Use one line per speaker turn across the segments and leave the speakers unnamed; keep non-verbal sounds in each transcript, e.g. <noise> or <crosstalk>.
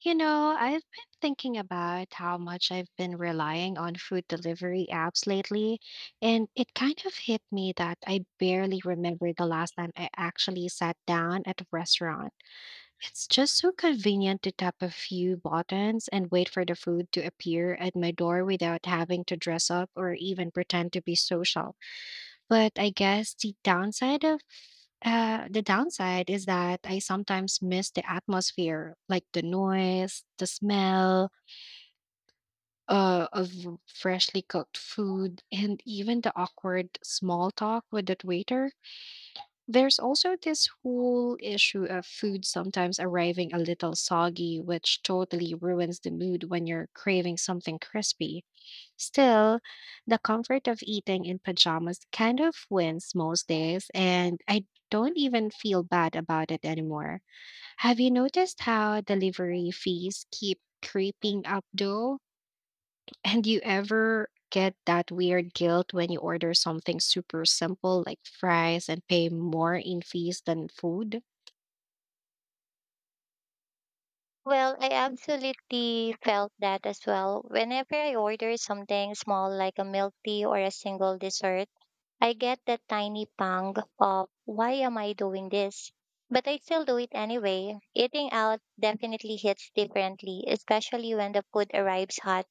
You know, I've been thinking about how much I've been relying on food delivery apps lately, and it kind of hit me that I barely remember the last time I actually sat down at a restaurant. It's just so convenient to tap a few buttons and wait for the food to appear at my door without having to dress up or even pretend to be social. But I guess the downside of the downside is that I sometimes miss the atmosphere, like the noise, the smell of freshly cooked food, and even the awkward small talk with the waiter. There's also this whole issue of food sometimes arriving a little soggy, which totally ruins the mood when you're craving something crispy. Still, the comfort of eating in pajamas kind of wins most days, and I don't even feel bad about it anymore. Have you noticed how delivery fees keep creeping up though? <laughs> And you ever get that weird guilt when you order something super simple like fries and pay more in fees than food?
Well, I absolutely felt that as well. Whenever I order something small like a milk tea or a single dessert, I get that tiny pang of why am I doing this? But I still do it anyway. Eating out definitely hits differently, especially when the food arrives hot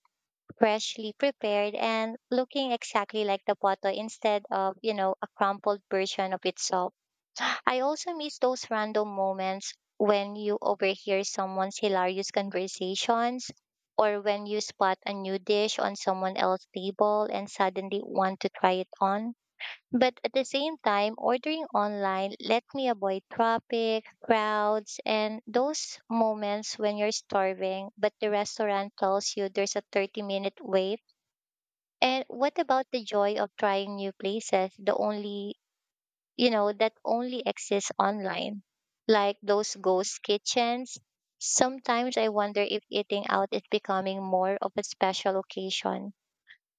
freshly prepared and looking exactly like the photo instead of, a crumpled version of itself. <gasps> I also miss those random moments when you overhear someone's hilarious conversations or when you spot a new dish on someone else's table and suddenly want to try it on. But at the same time, ordering online let me avoid traffic, crowds, and those moments when you're starving, but the restaurant tells you there's a 30-minute wait. And what about the joy of trying new places, the only, you know, that only exists online? Like those ghost kitchens. Sometimes I wonder if eating out is becoming more of a special occasion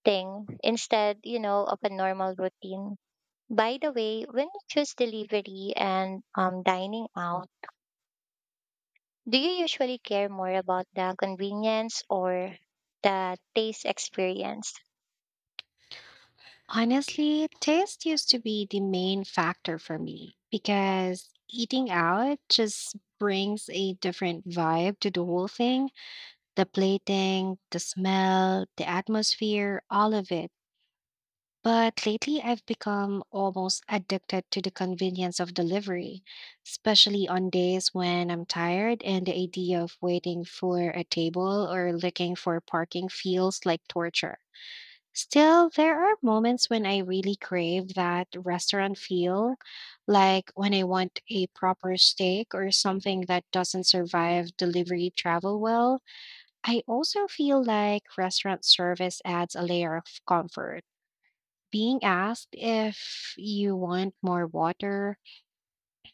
thing instead, of a normal routine. By the way, when you choose delivery and dining out, do you usually care more about the convenience or the taste experience?
Honestly, taste used to be the main factor for me because eating out just brings a different vibe to the whole thing, the plating, the smell, the atmosphere, all of it. But lately, I've become almost addicted to the convenience of delivery, especially on days when I'm tired and the idea of waiting for a table or looking for parking feels like torture. Still, there are moments when I really crave that restaurant feel, like when I want a proper steak or something that doesn't survive delivery travel well. I also feel like restaurant service adds a layer of comfort. Being asked if you want more water,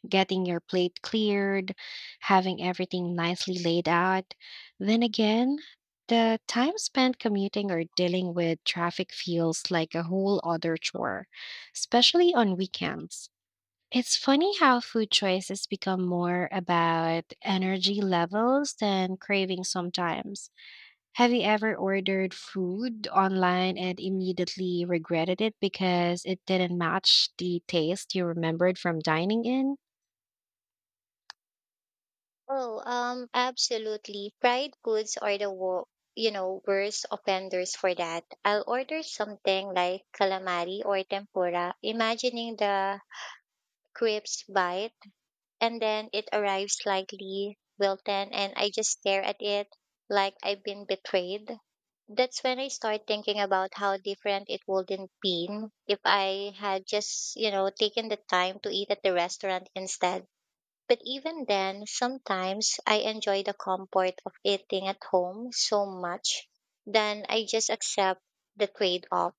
getting your plate cleared, having everything nicely laid out. Then again, the time spent commuting or dealing with traffic feels like a whole other chore, especially on weekends. It's funny how food choices become more about energy levels than cravings sometimes. Have you ever ordered food online and immediately regretted it because it didn't match the taste you remembered from dining in?
Oh, absolutely. Fried goods are the worst offenders for that. I'll order something like calamari or tempura, imagining the crisp bite, and then it arrives slightly wilted, and I just stare at it like I've been betrayed. That's when I start thinking about how different it would have been if I had just taken the time to eat at the restaurant instead. But even then, sometimes I enjoy the comfort of eating at home so much, then I just accept the trade off,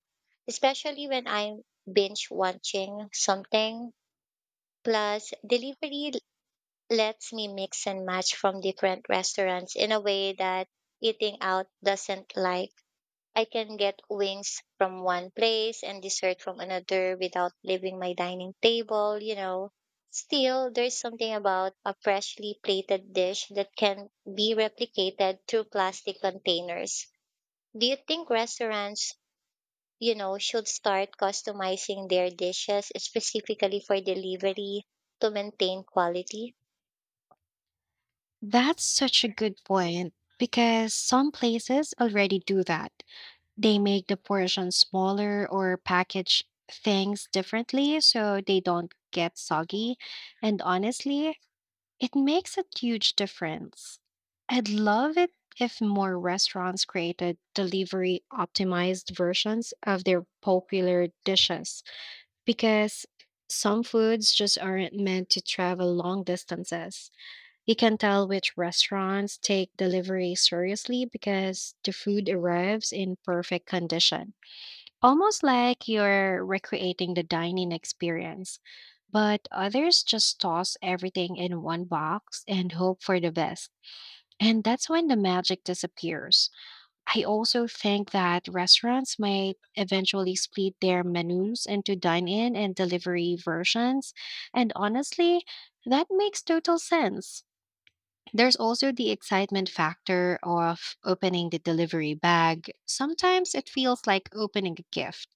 especially when I'm binge watching something. Plus, lets me mix and match from different restaurants in a way that eating out doesn't like. I can get wings from one place and dessert from another without leaving my dining table. Still, there's something about a freshly plated dish that can be replicated through plastic containers. Do you think restaurants should start customizing their dishes specifically for delivery to maintain quality?
That's such a good point because some places already do that. They make the portion smaller or package things differently so they don't get soggy. And honestly, it makes a huge difference. I'd love it if more restaurants created delivery optimized versions of their popular dishes because some foods just aren't meant to travel long distances. You can tell which restaurants take delivery seriously because the food arrives in perfect condition, almost like you're recreating the dining experience. But others just toss everything in one box and hope for the best. And that's when the magic disappears. I also think that restaurants might eventually split their menus into dine in and delivery versions. And honestly, that makes total sense. There's also the excitement factor of opening the delivery bag. Sometimes it feels like opening a gift,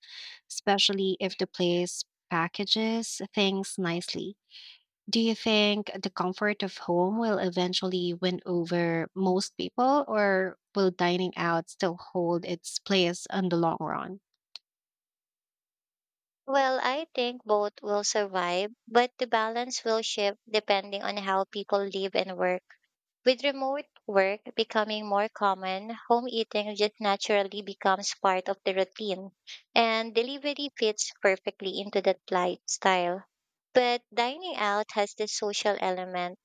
especially if the place packages things nicely. Do you think the comfort of home will eventually win over most people, or will dining out still hold its place in the long run?
Well, I think both will survive, but the balance will shift depending on how people live and work. With remote work becoming more common, home eating just naturally becomes part of the routine, and delivery fits perfectly into that lifestyle. But dining out has this social element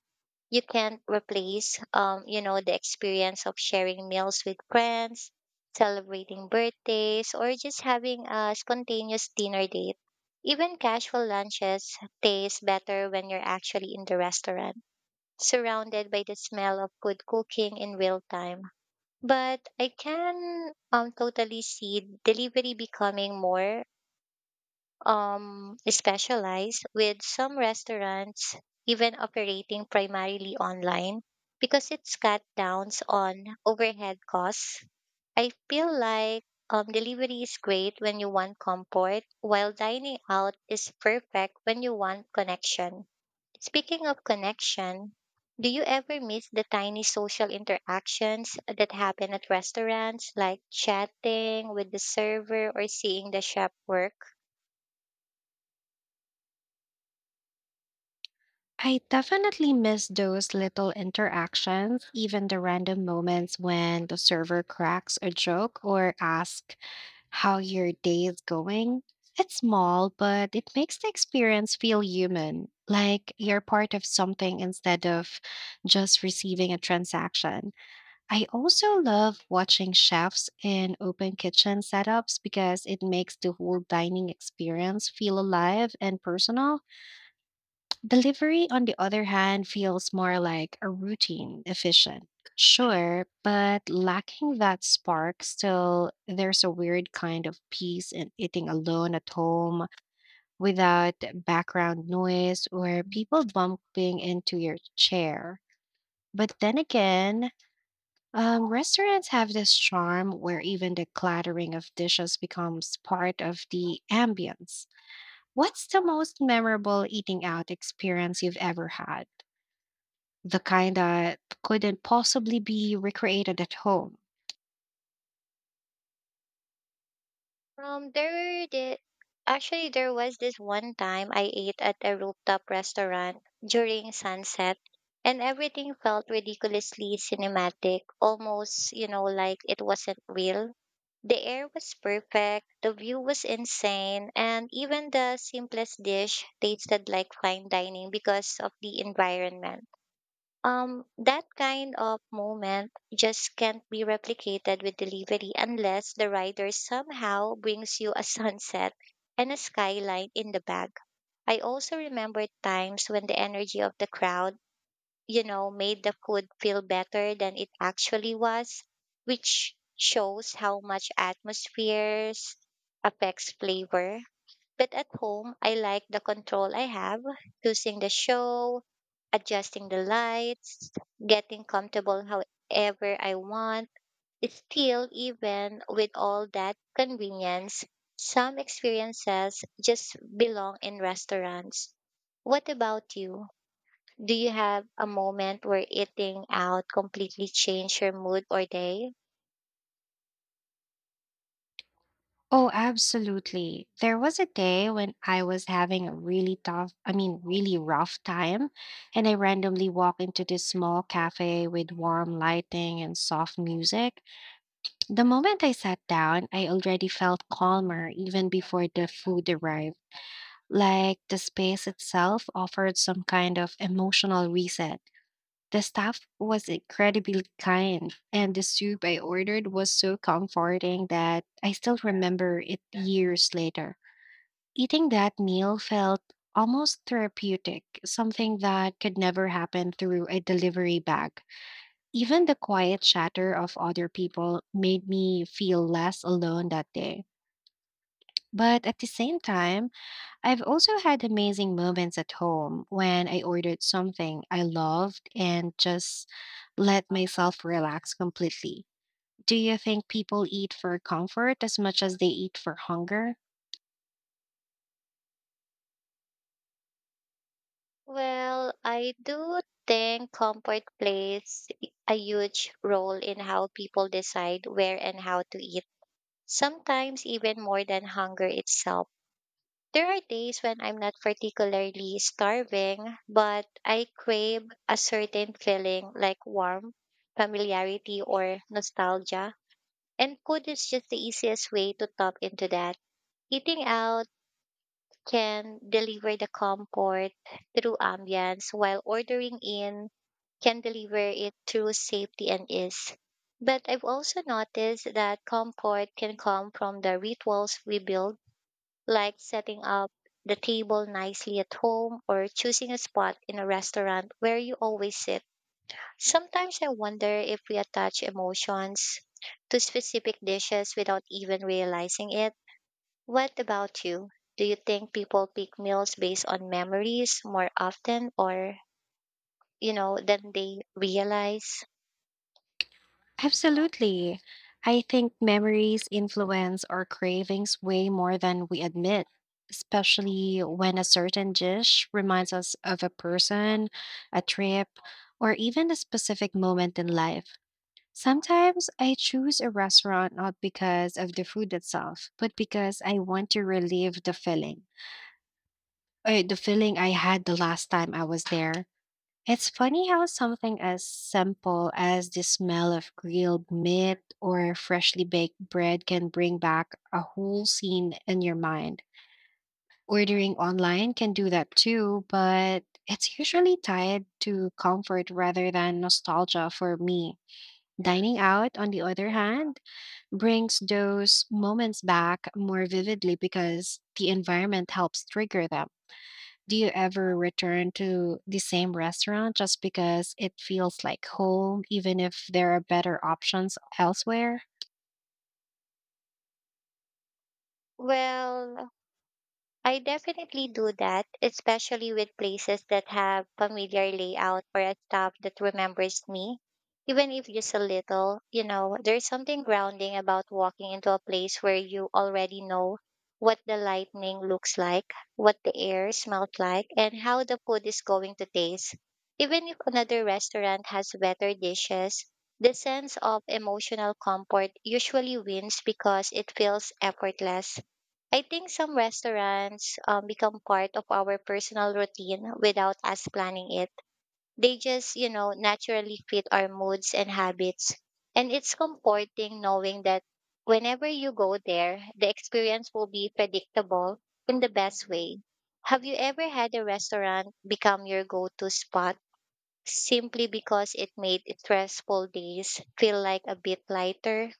you can't replace the experience of sharing meals with friends, celebrating birthdays, or just having a spontaneous dinner date, even casual lunches taste better when you're actually in the restaurant, surrounded by the smell of good cooking in real time. But I can totally see delivery becoming more specialized, with some restaurants even operating primarily online because it's cut downs on overhead costs. I feel like delivery is great when you want comfort, while dining out is perfect when you want connection. Speaking of connection, do you ever miss the tiny social interactions that happen at restaurants, like chatting with the server or seeing the chef work?
I definitely miss those little interactions, even the random moments when the server cracks a joke or asks how your day is going. It's small, but it makes the experience feel human, like you're part of something instead of just receiving a transaction. I also love watching chefs in open kitchen setups because it makes the whole dining experience feel alive and personal. Delivery, on the other hand, feels more like a routine, efficient. Sure, but lacking that spark, still, there's a weird kind of peace in eating alone at home without background noise or people bumping into your chair. But then again, restaurants have this charm where even the clattering of dishes becomes part of the ambience. What's the most memorable eating out experience you've ever had? The kind that couldn't possibly be recreated at home.
There were the actually there was this one time I ate at a rooftop restaurant during sunset, and everything felt ridiculously cinematic, almost like it wasn't real. The air was perfect, the view was insane, and even the simplest dish tasted like fine dining because of the environment. That kind of moment just can't be replicated with delivery unless the rider somehow brings you a <laughs> sunset and a skyline in the bag. I also remember times when the energy of the crowd made the food feel better than it actually was, which shows how much atmospheres affects flavor. But at home, I like the control I have, choosing the show, adjusting the lights, getting comfortable however I want. Still, even with all that convenience, some experiences just belong in restaurants. What about you? Do you have a moment where eating out completely changed your mood or day?
Oh, absolutely. There was a day when I was having a really tough, I mean, really rough time, and I randomly walked into this small cafe with warm lighting and soft music. The moment I sat down, I already felt calmer even before the food arrived. Like the space itself offered some kind of emotional reset. The staff was incredibly kind, and the soup I ordered was so comforting that I still remember it years later. Eating that meal felt almost therapeutic, something that could never happen through a delivery bag. Even the quiet chatter of other people made me feel less alone that day. But at the same time, I've also had amazing moments at home when I ordered something I loved and just let myself relax completely. Do you think people eat for comfort as much as they eat for hunger?
Well, I do think comfort plays a huge role in how people decide where and how to eat, sometimes even more than hunger itself. There are days when I'm not particularly starving, but I crave a certain feeling like warmth, familiarity, or nostalgia. And food is just the easiest way to tap into that. Eating out can deliver the comfort through ambience, while ordering in can deliver it through safety and ease. But I've also noticed that comfort can come from the rituals we build, like setting up the table nicely at home or choosing a spot in a restaurant where you always sit. Sometimes I wonder if we attach emotions to specific dishes without even realizing it. What about you? Do you think people pick meals based on memories more often or than they realize?
Absolutely. I think memories influence our cravings way more than we admit, especially when a certain dish reminds us of a person, a trip, or even a specific moment in life. Sometimes I choose a restaurant not because of the food itself, but because I want to relive the feeling, or the feeling I had the last time I was there. It's funny how something as simple as the smell of grilled meat or freshly baked bread can bring back a whole scene in your mind. Ordering online can do that too, but it's usually tied to comfort rather than nostalgia for me. Dining out, on the other hand, brings those moments back more vividly because the environment helps trigger them. Do you ever return to the same restaurant just because it feels like home, even if there are better options elsewhere?
Well, I definitely do that, especially with places that have familiar layout or a staff that remembers me, even if just a little. You know, there's something grounding about walking into a place where you already know what the lightning looks like, what the air smells like, and how the food is going to taste. Even if another restaurant has better dishes, the sense of emotional comfort usually wins because it feels effortless. I think some restaurants become part of our personal routine without us planning it. They just naturally fit our moods and habits. And it's comforting knowing that whenever you go there, the experience will be predictable in the best way. Have you ever had a restaurant become your go to spot simply because it made stressful days feel like a bit lighter?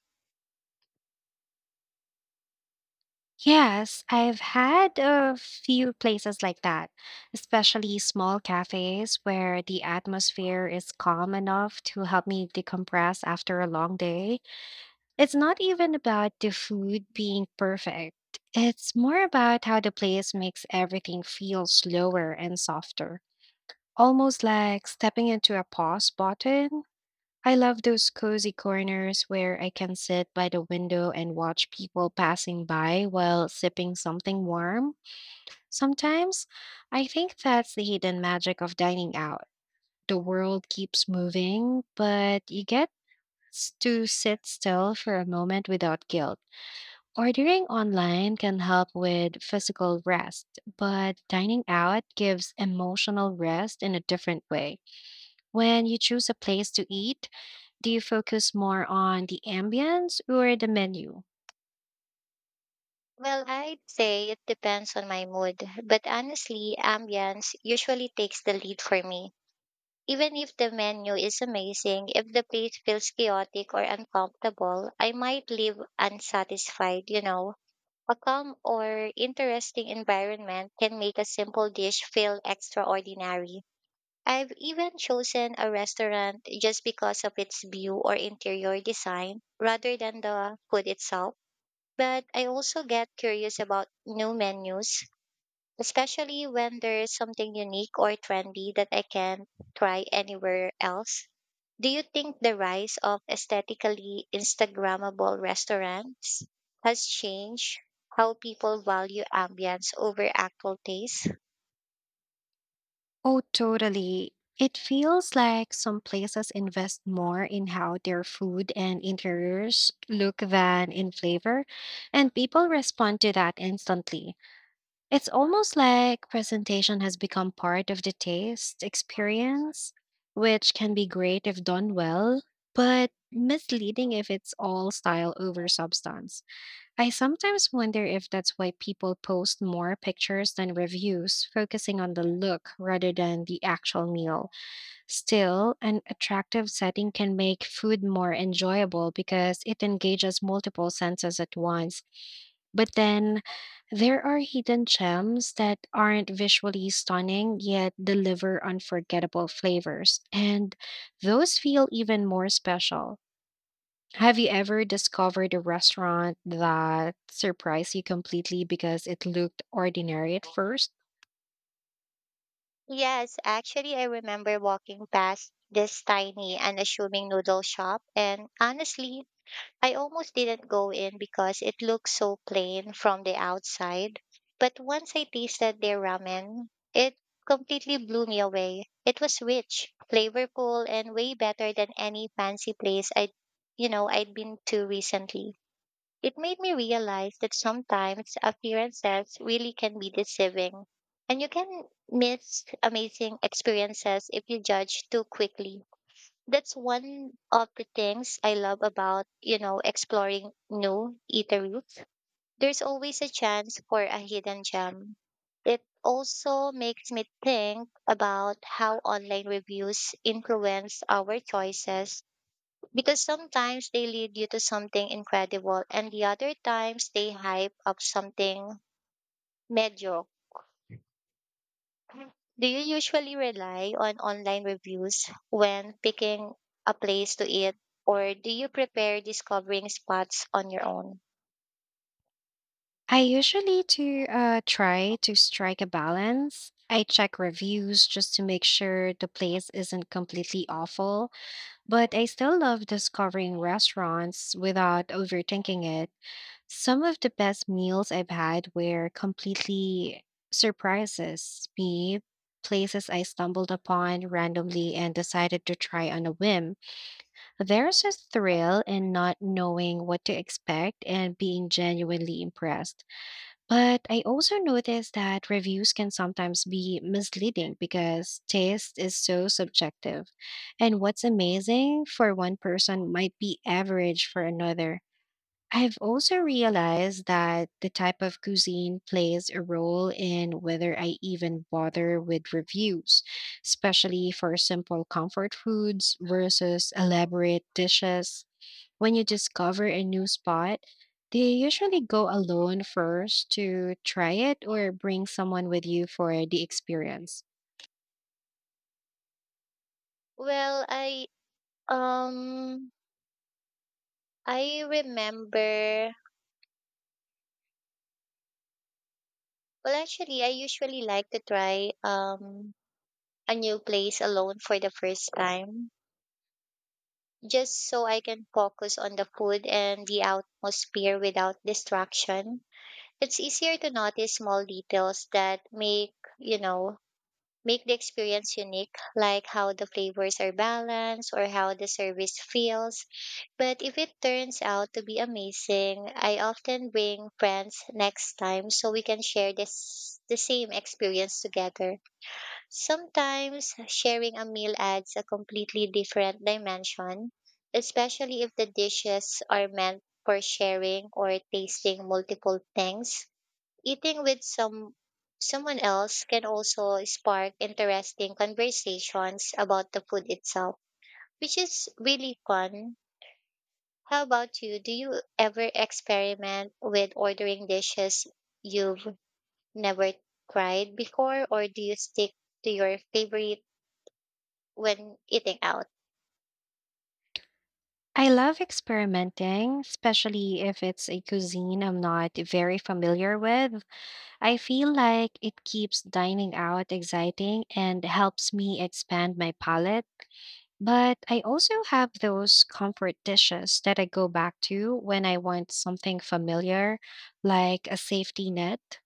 Yes, I've had a few places like that, especially small cafes where the atmosphere is calm enough to help me decompress after a long day. It's not even about the food being perfect. It's more about how the place makes everything feel slower and softer, almost like stepping into a pause button. I love those cozy corners where I can sit by the window and watch people passing by while sipping something warm. Sometimes I think that's the hidden magic of dining out. The world keeps moving, but you get to sit still for a moment without guilt. Ordering online can help with physical rest, but dining out gives emotional rest in a different way. When you choose a place to eat, do you focus more on the ambience or the menu?
Well, I'd say it depends on my mood, but honestly, ambience usually takes the lead for me. Even if the menu is amazing, if the plate feels chaotic or uncomfortable, I might leave unsatisfied. A calm or interesting environment can make a simple dish feel extraordinary. I've even chosen a restaurant just because of its view or interior design rather than the food itself. But I also get curious about new menus, especially when there's something unique or trendy that I can't try anywhere else. Do you think the rise of aesthetically Instagrammable restaurants has changed how people value ambience over actual taste?
Oh, totally. It feels like some places invest more in how their food and interiors look than in flavor, and people respond to that instantly. It's almost like presentation has become part of the taste experience, which can be great if done well, but misleading if it's all style over substance. I sometimes wonder if that's why people post more pictures than reviews, focusing on the look rather than the actual meal. Still, an attractive setting can make food more enjoyable because it engages multiple senses at once, but then there are hidden gems that aren't visually stunning yet deliver unforgettable flavors, and those feel even more special. Have you ever discovered a restaurant that surprised you completely because it looked ordinary at first?
Yes, actually, I remember walking past this tiny, unassuming noodle shop, and honestly, I almost didn't go in because it looked so plain from the outside. But once I tasted their ramen, it completely blew me away. It was rich, flavorful, and way better than any fancy place I'd been to recently. It made me realize that sometimes appearances really can be deceiving, and you can miss amazing experiences if you judge too quickly. That's one of the things I love about exploring new eateries. There's always a chance for a hidden gem. It also makes me think about how online reviews influence our choices, because sometimes they lead you to something incredible and the other times they hype up something mediocre. Do you usually rely on online reviews when picking a place to eat, or do you prepare discovering spots on your own?
I usually to try to strike a balance. I check reviews just to make sure the place isn't completely awful. But I still love discovering restaurants without overthinking it. Some of the best meals I've had were completely surprises me, places I stumbled upon randomly and decided to try on a whim. There's a thrill in not knowing what to expect and being genuinely impressed. But I also noticed that reviews can sometimes be misleading because taste is so subjective. And what's amazing for one person might be average for another. I've also realized that the type of cuisine plays a role in whether I even bother with reviews, especially for simple comfort foods versus elaborate dishes. When you discover a new spot, do you usually go alone first to try it or bring someone with you for the experience?
Well, um I remember well actually I usually like to try a new place alone for the first time, just so I can focus on the food and the atmosphere without distraction. It's easier to notice small details that you know, make the experience unique, like how the flavors are balanced or how the service feels. But if it turns out to be amazing, I often bring friends next time so we can share this the same experience together. Sometimes sharing a meal adds a completely different dimension, especially if the dishes are meant for sharing or tasting multiple things. Eating with someone else can also spark interesting conversations about the food itself, which is really fun. How about you? Do you ever experiment with ordering dishes you've never tried before, or do you stick to your favorite when eating out?
I love experimenting, especially if it's a cuisine I'm not very familiar with. I feel like it keeps dining out exciting and helps me expand my palate. But I also have those comfort dishes that I go back to when I want something familiar, like a safety net.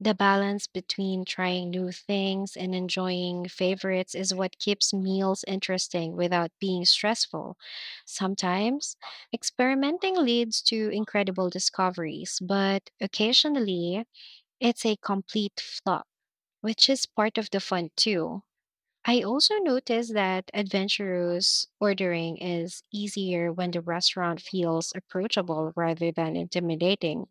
The balance between trying new things and enjoying favorites is what keeps meals interesting without being stressful. Sometimes, experimenting leads to incredible discoveries, but occasionally, it's a complete flop, which is part of the fun too. I also noticed that adventurous ordering is easier when the restaurant feels approachable rather than intimidating.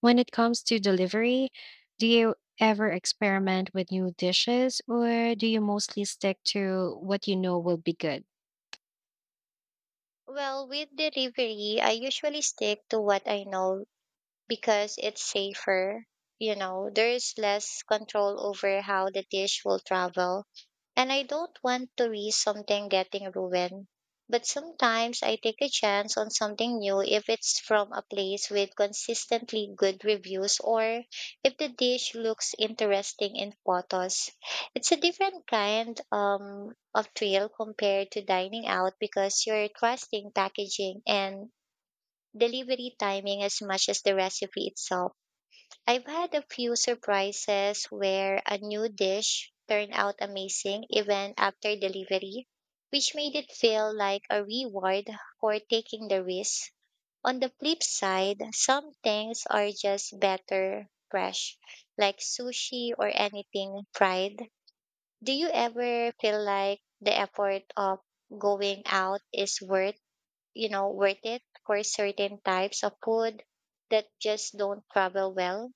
When it comes to delivery, do you ever experiment with new dishes or do you mostly stick to what you know will be good?
Well, with delivery, I usually stick to what I know because it's safer. You know, there is less control over how the dish will travel, and I don't want to risk something getting ruined. But sometimes I take a chance on something new if it's from a place with consistently good reviews or if the dish looks interesting in photos. It's a different kind of thrill compared to dining out, because you're trusting packaging and delivery timing as much as the recipe itself. I've had a few surprises where a new dish turned out amazing even after delivery, which made it feel like a reward for taking the risk. On the flip side, some things are just better fresh, like sushi or anything fried. Do you ever feel like the effort of going out is worth it for certain types of food that just don't travel well?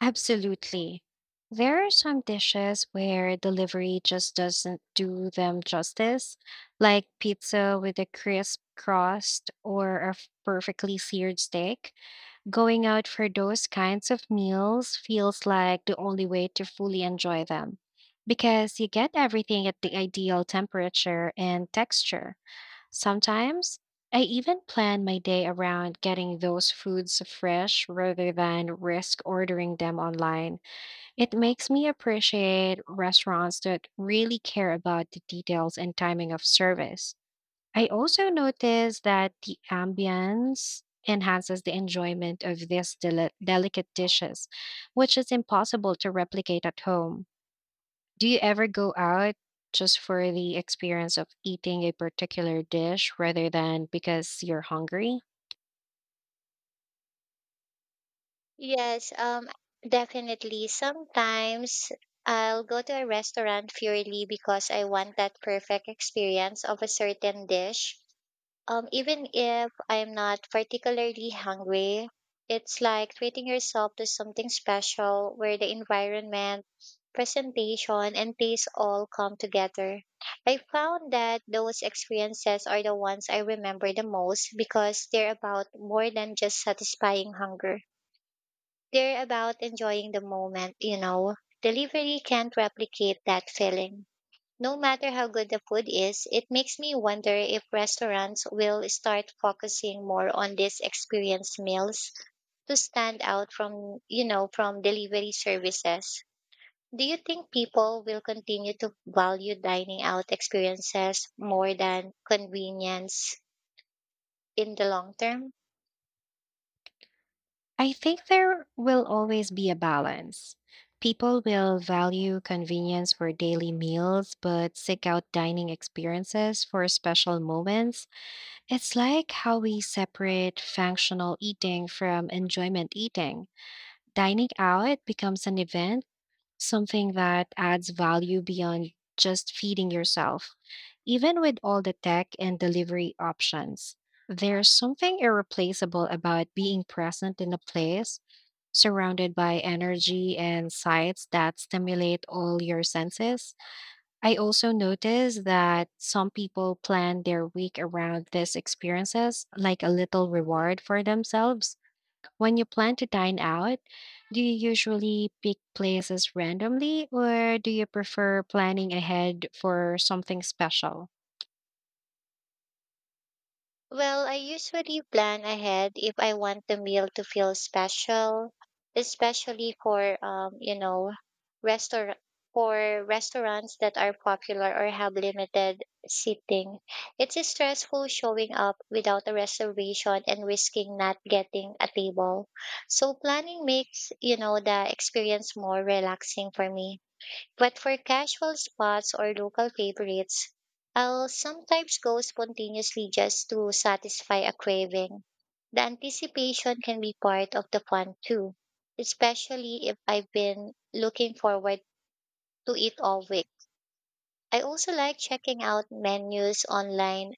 Absolutely. There are some dishes where delivery just doesn't do them justice, like pizza with a crisp crust or a perfectly seared steak. Going out for those kinds of meals feels like the only way to fully enjoy them because you get everything at the ideal temperature and texture. Sometimes I even plan my day around getting those foods fresh rather than risk ordering them online. It makes me appreciate restaurants that really care about the details and timing of service. I also noticed that the ambience enhances the enjoyment of these delicate dishes, which is impossible to replicate at home. Do you ever go out just for the experience of eating a particular dish rather than because you're hungry?
Yes, definitely. Sometimes I'll go to a restaurant purely because I want that perfect experience of a certain dish. Even if I'm not particularly hungry, it's like treating yourself to something special where the environment, presentation, and taste all come together. I found that those experiences are the ones I remember the most because they're about more than just satisfying hunger. They're about enjoying the moment. Delivery can't replicate that feeling. No matter how good the food is, it makes me wonder if restaurants will start focusing more on these experience meals to stand out from delivery services. Do you think people will continue to value dining out experiences more than convenience in the long term?
I think there will always be a balance. People will value convenience for daily meals, but seek out dining experiences for special moments. It's like how we separate functional eating from enjoyment eating. Dining out becomes an event, something that adds value beyond just feeding yourself. Even with all the tech and delivery options, there's something irreplaceable about being present in a place surrounded by energy and sights that stimulate all your senses. I also notice that some people plan their week around these experiences, like a little reward for themselves. When you plan to dine out, do you usually pick places randomly or do you prefer planning ahead for something special?
Well, I usually plan ahead if I want the meal to feel special, especially for you know, restaurant for restaurants that are popular or have limited seating. It's stressful showing up without a reservation and risking not getting a table. So planning makes the experience more relaxing for me. But for casual spots or local favorites, I'll sometimes go spontaneously just to satisfy a craving. The anticipation can be part of the fun too, especially if I've been looking forward to it all week. I also like checking out menus online,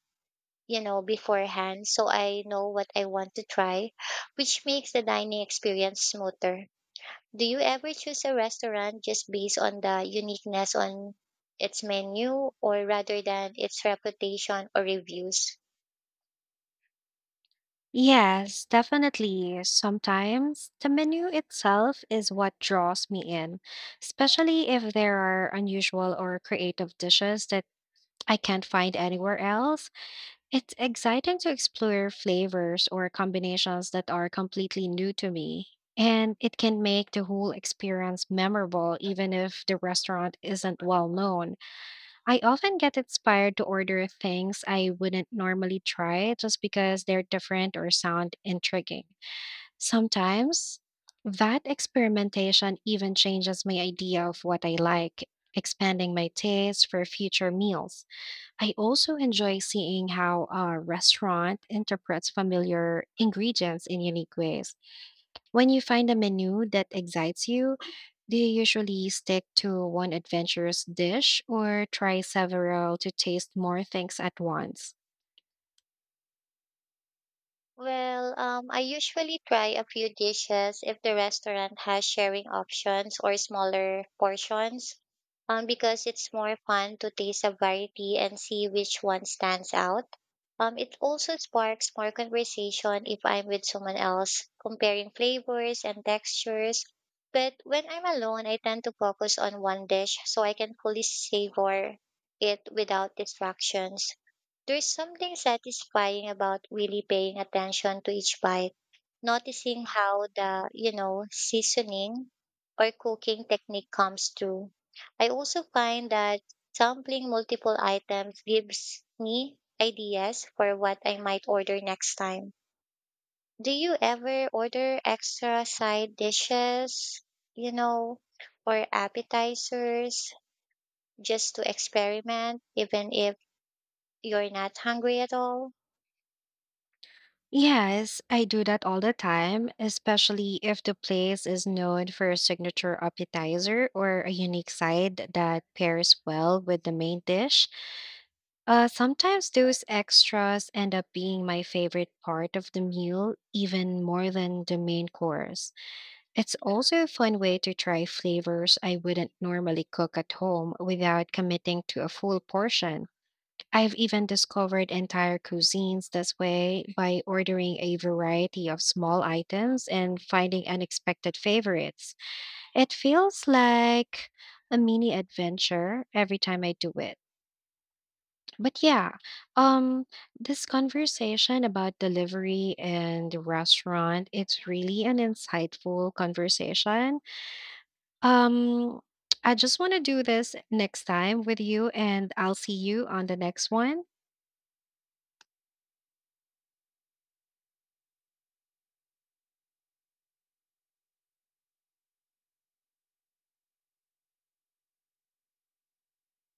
you know, beforehand so I know what I want to try, which makes the dining experience smoother. Do you ever choose a restaurant just based on the uniqueness on its menu or rather than its reputation or reviews?
Yes, definitely. Sometimes the menu itself is what draws me in, especially if there are unusual or creative dishes that I can't find anywhere else. It's exciting to explore flavors or combinations that are completely new to me. And it can make the whole experience memorable, even if the restaurant isn't well known. I often get inspired to order things I wouldn't normally try just because they're different or sound intriguing. Sometimes that experimentation even changes my idea of what I like, expanding my taste for future meals. I also enjoy seeing how a restaurant interprets familiar ingredients in unique ways. When you find a menu that excites you, do you usually stick to one adventurous dish or try several to taste more things at once?
Well, I usually try a few dishes if the restaurant has sharing options or smaller portions, because it's more fun to taste a variety and see which one stands out. It also sparks more conversation if I'm with someone else, comparing flavors and textures. But when I'm alone, I tend to focus on one dish so I can fully savor it without distractions. There's something satisfying about really paying attention to each bite, noticing how the seasoning or cooking technique comes through. I also find that sampling multiple items gives me ideas for what I might order next time. Do you ever order extra side dishes, you know, or appetizers just to experiment, even if you're not hungry at all?
Yes, I do that all the time, especially if the place is known for a signature appetizer or a unique side that pairs well with the main dish. Sometimes those extras end up being my favorite part of the meal, even more than the main course. It's also a fun way to try flavors I wouldn't normally cook at home without committing to a full portion. I've even discovered entire cuisines this way by ordering a variety of small items and finding unexpected favorites. It feels like a mini adventure every time I do it. But um, this conversation about delivery and the restaurant, it's really an insightful conversation. Um, I just want to do this next time with you, and I'll see you on the next one.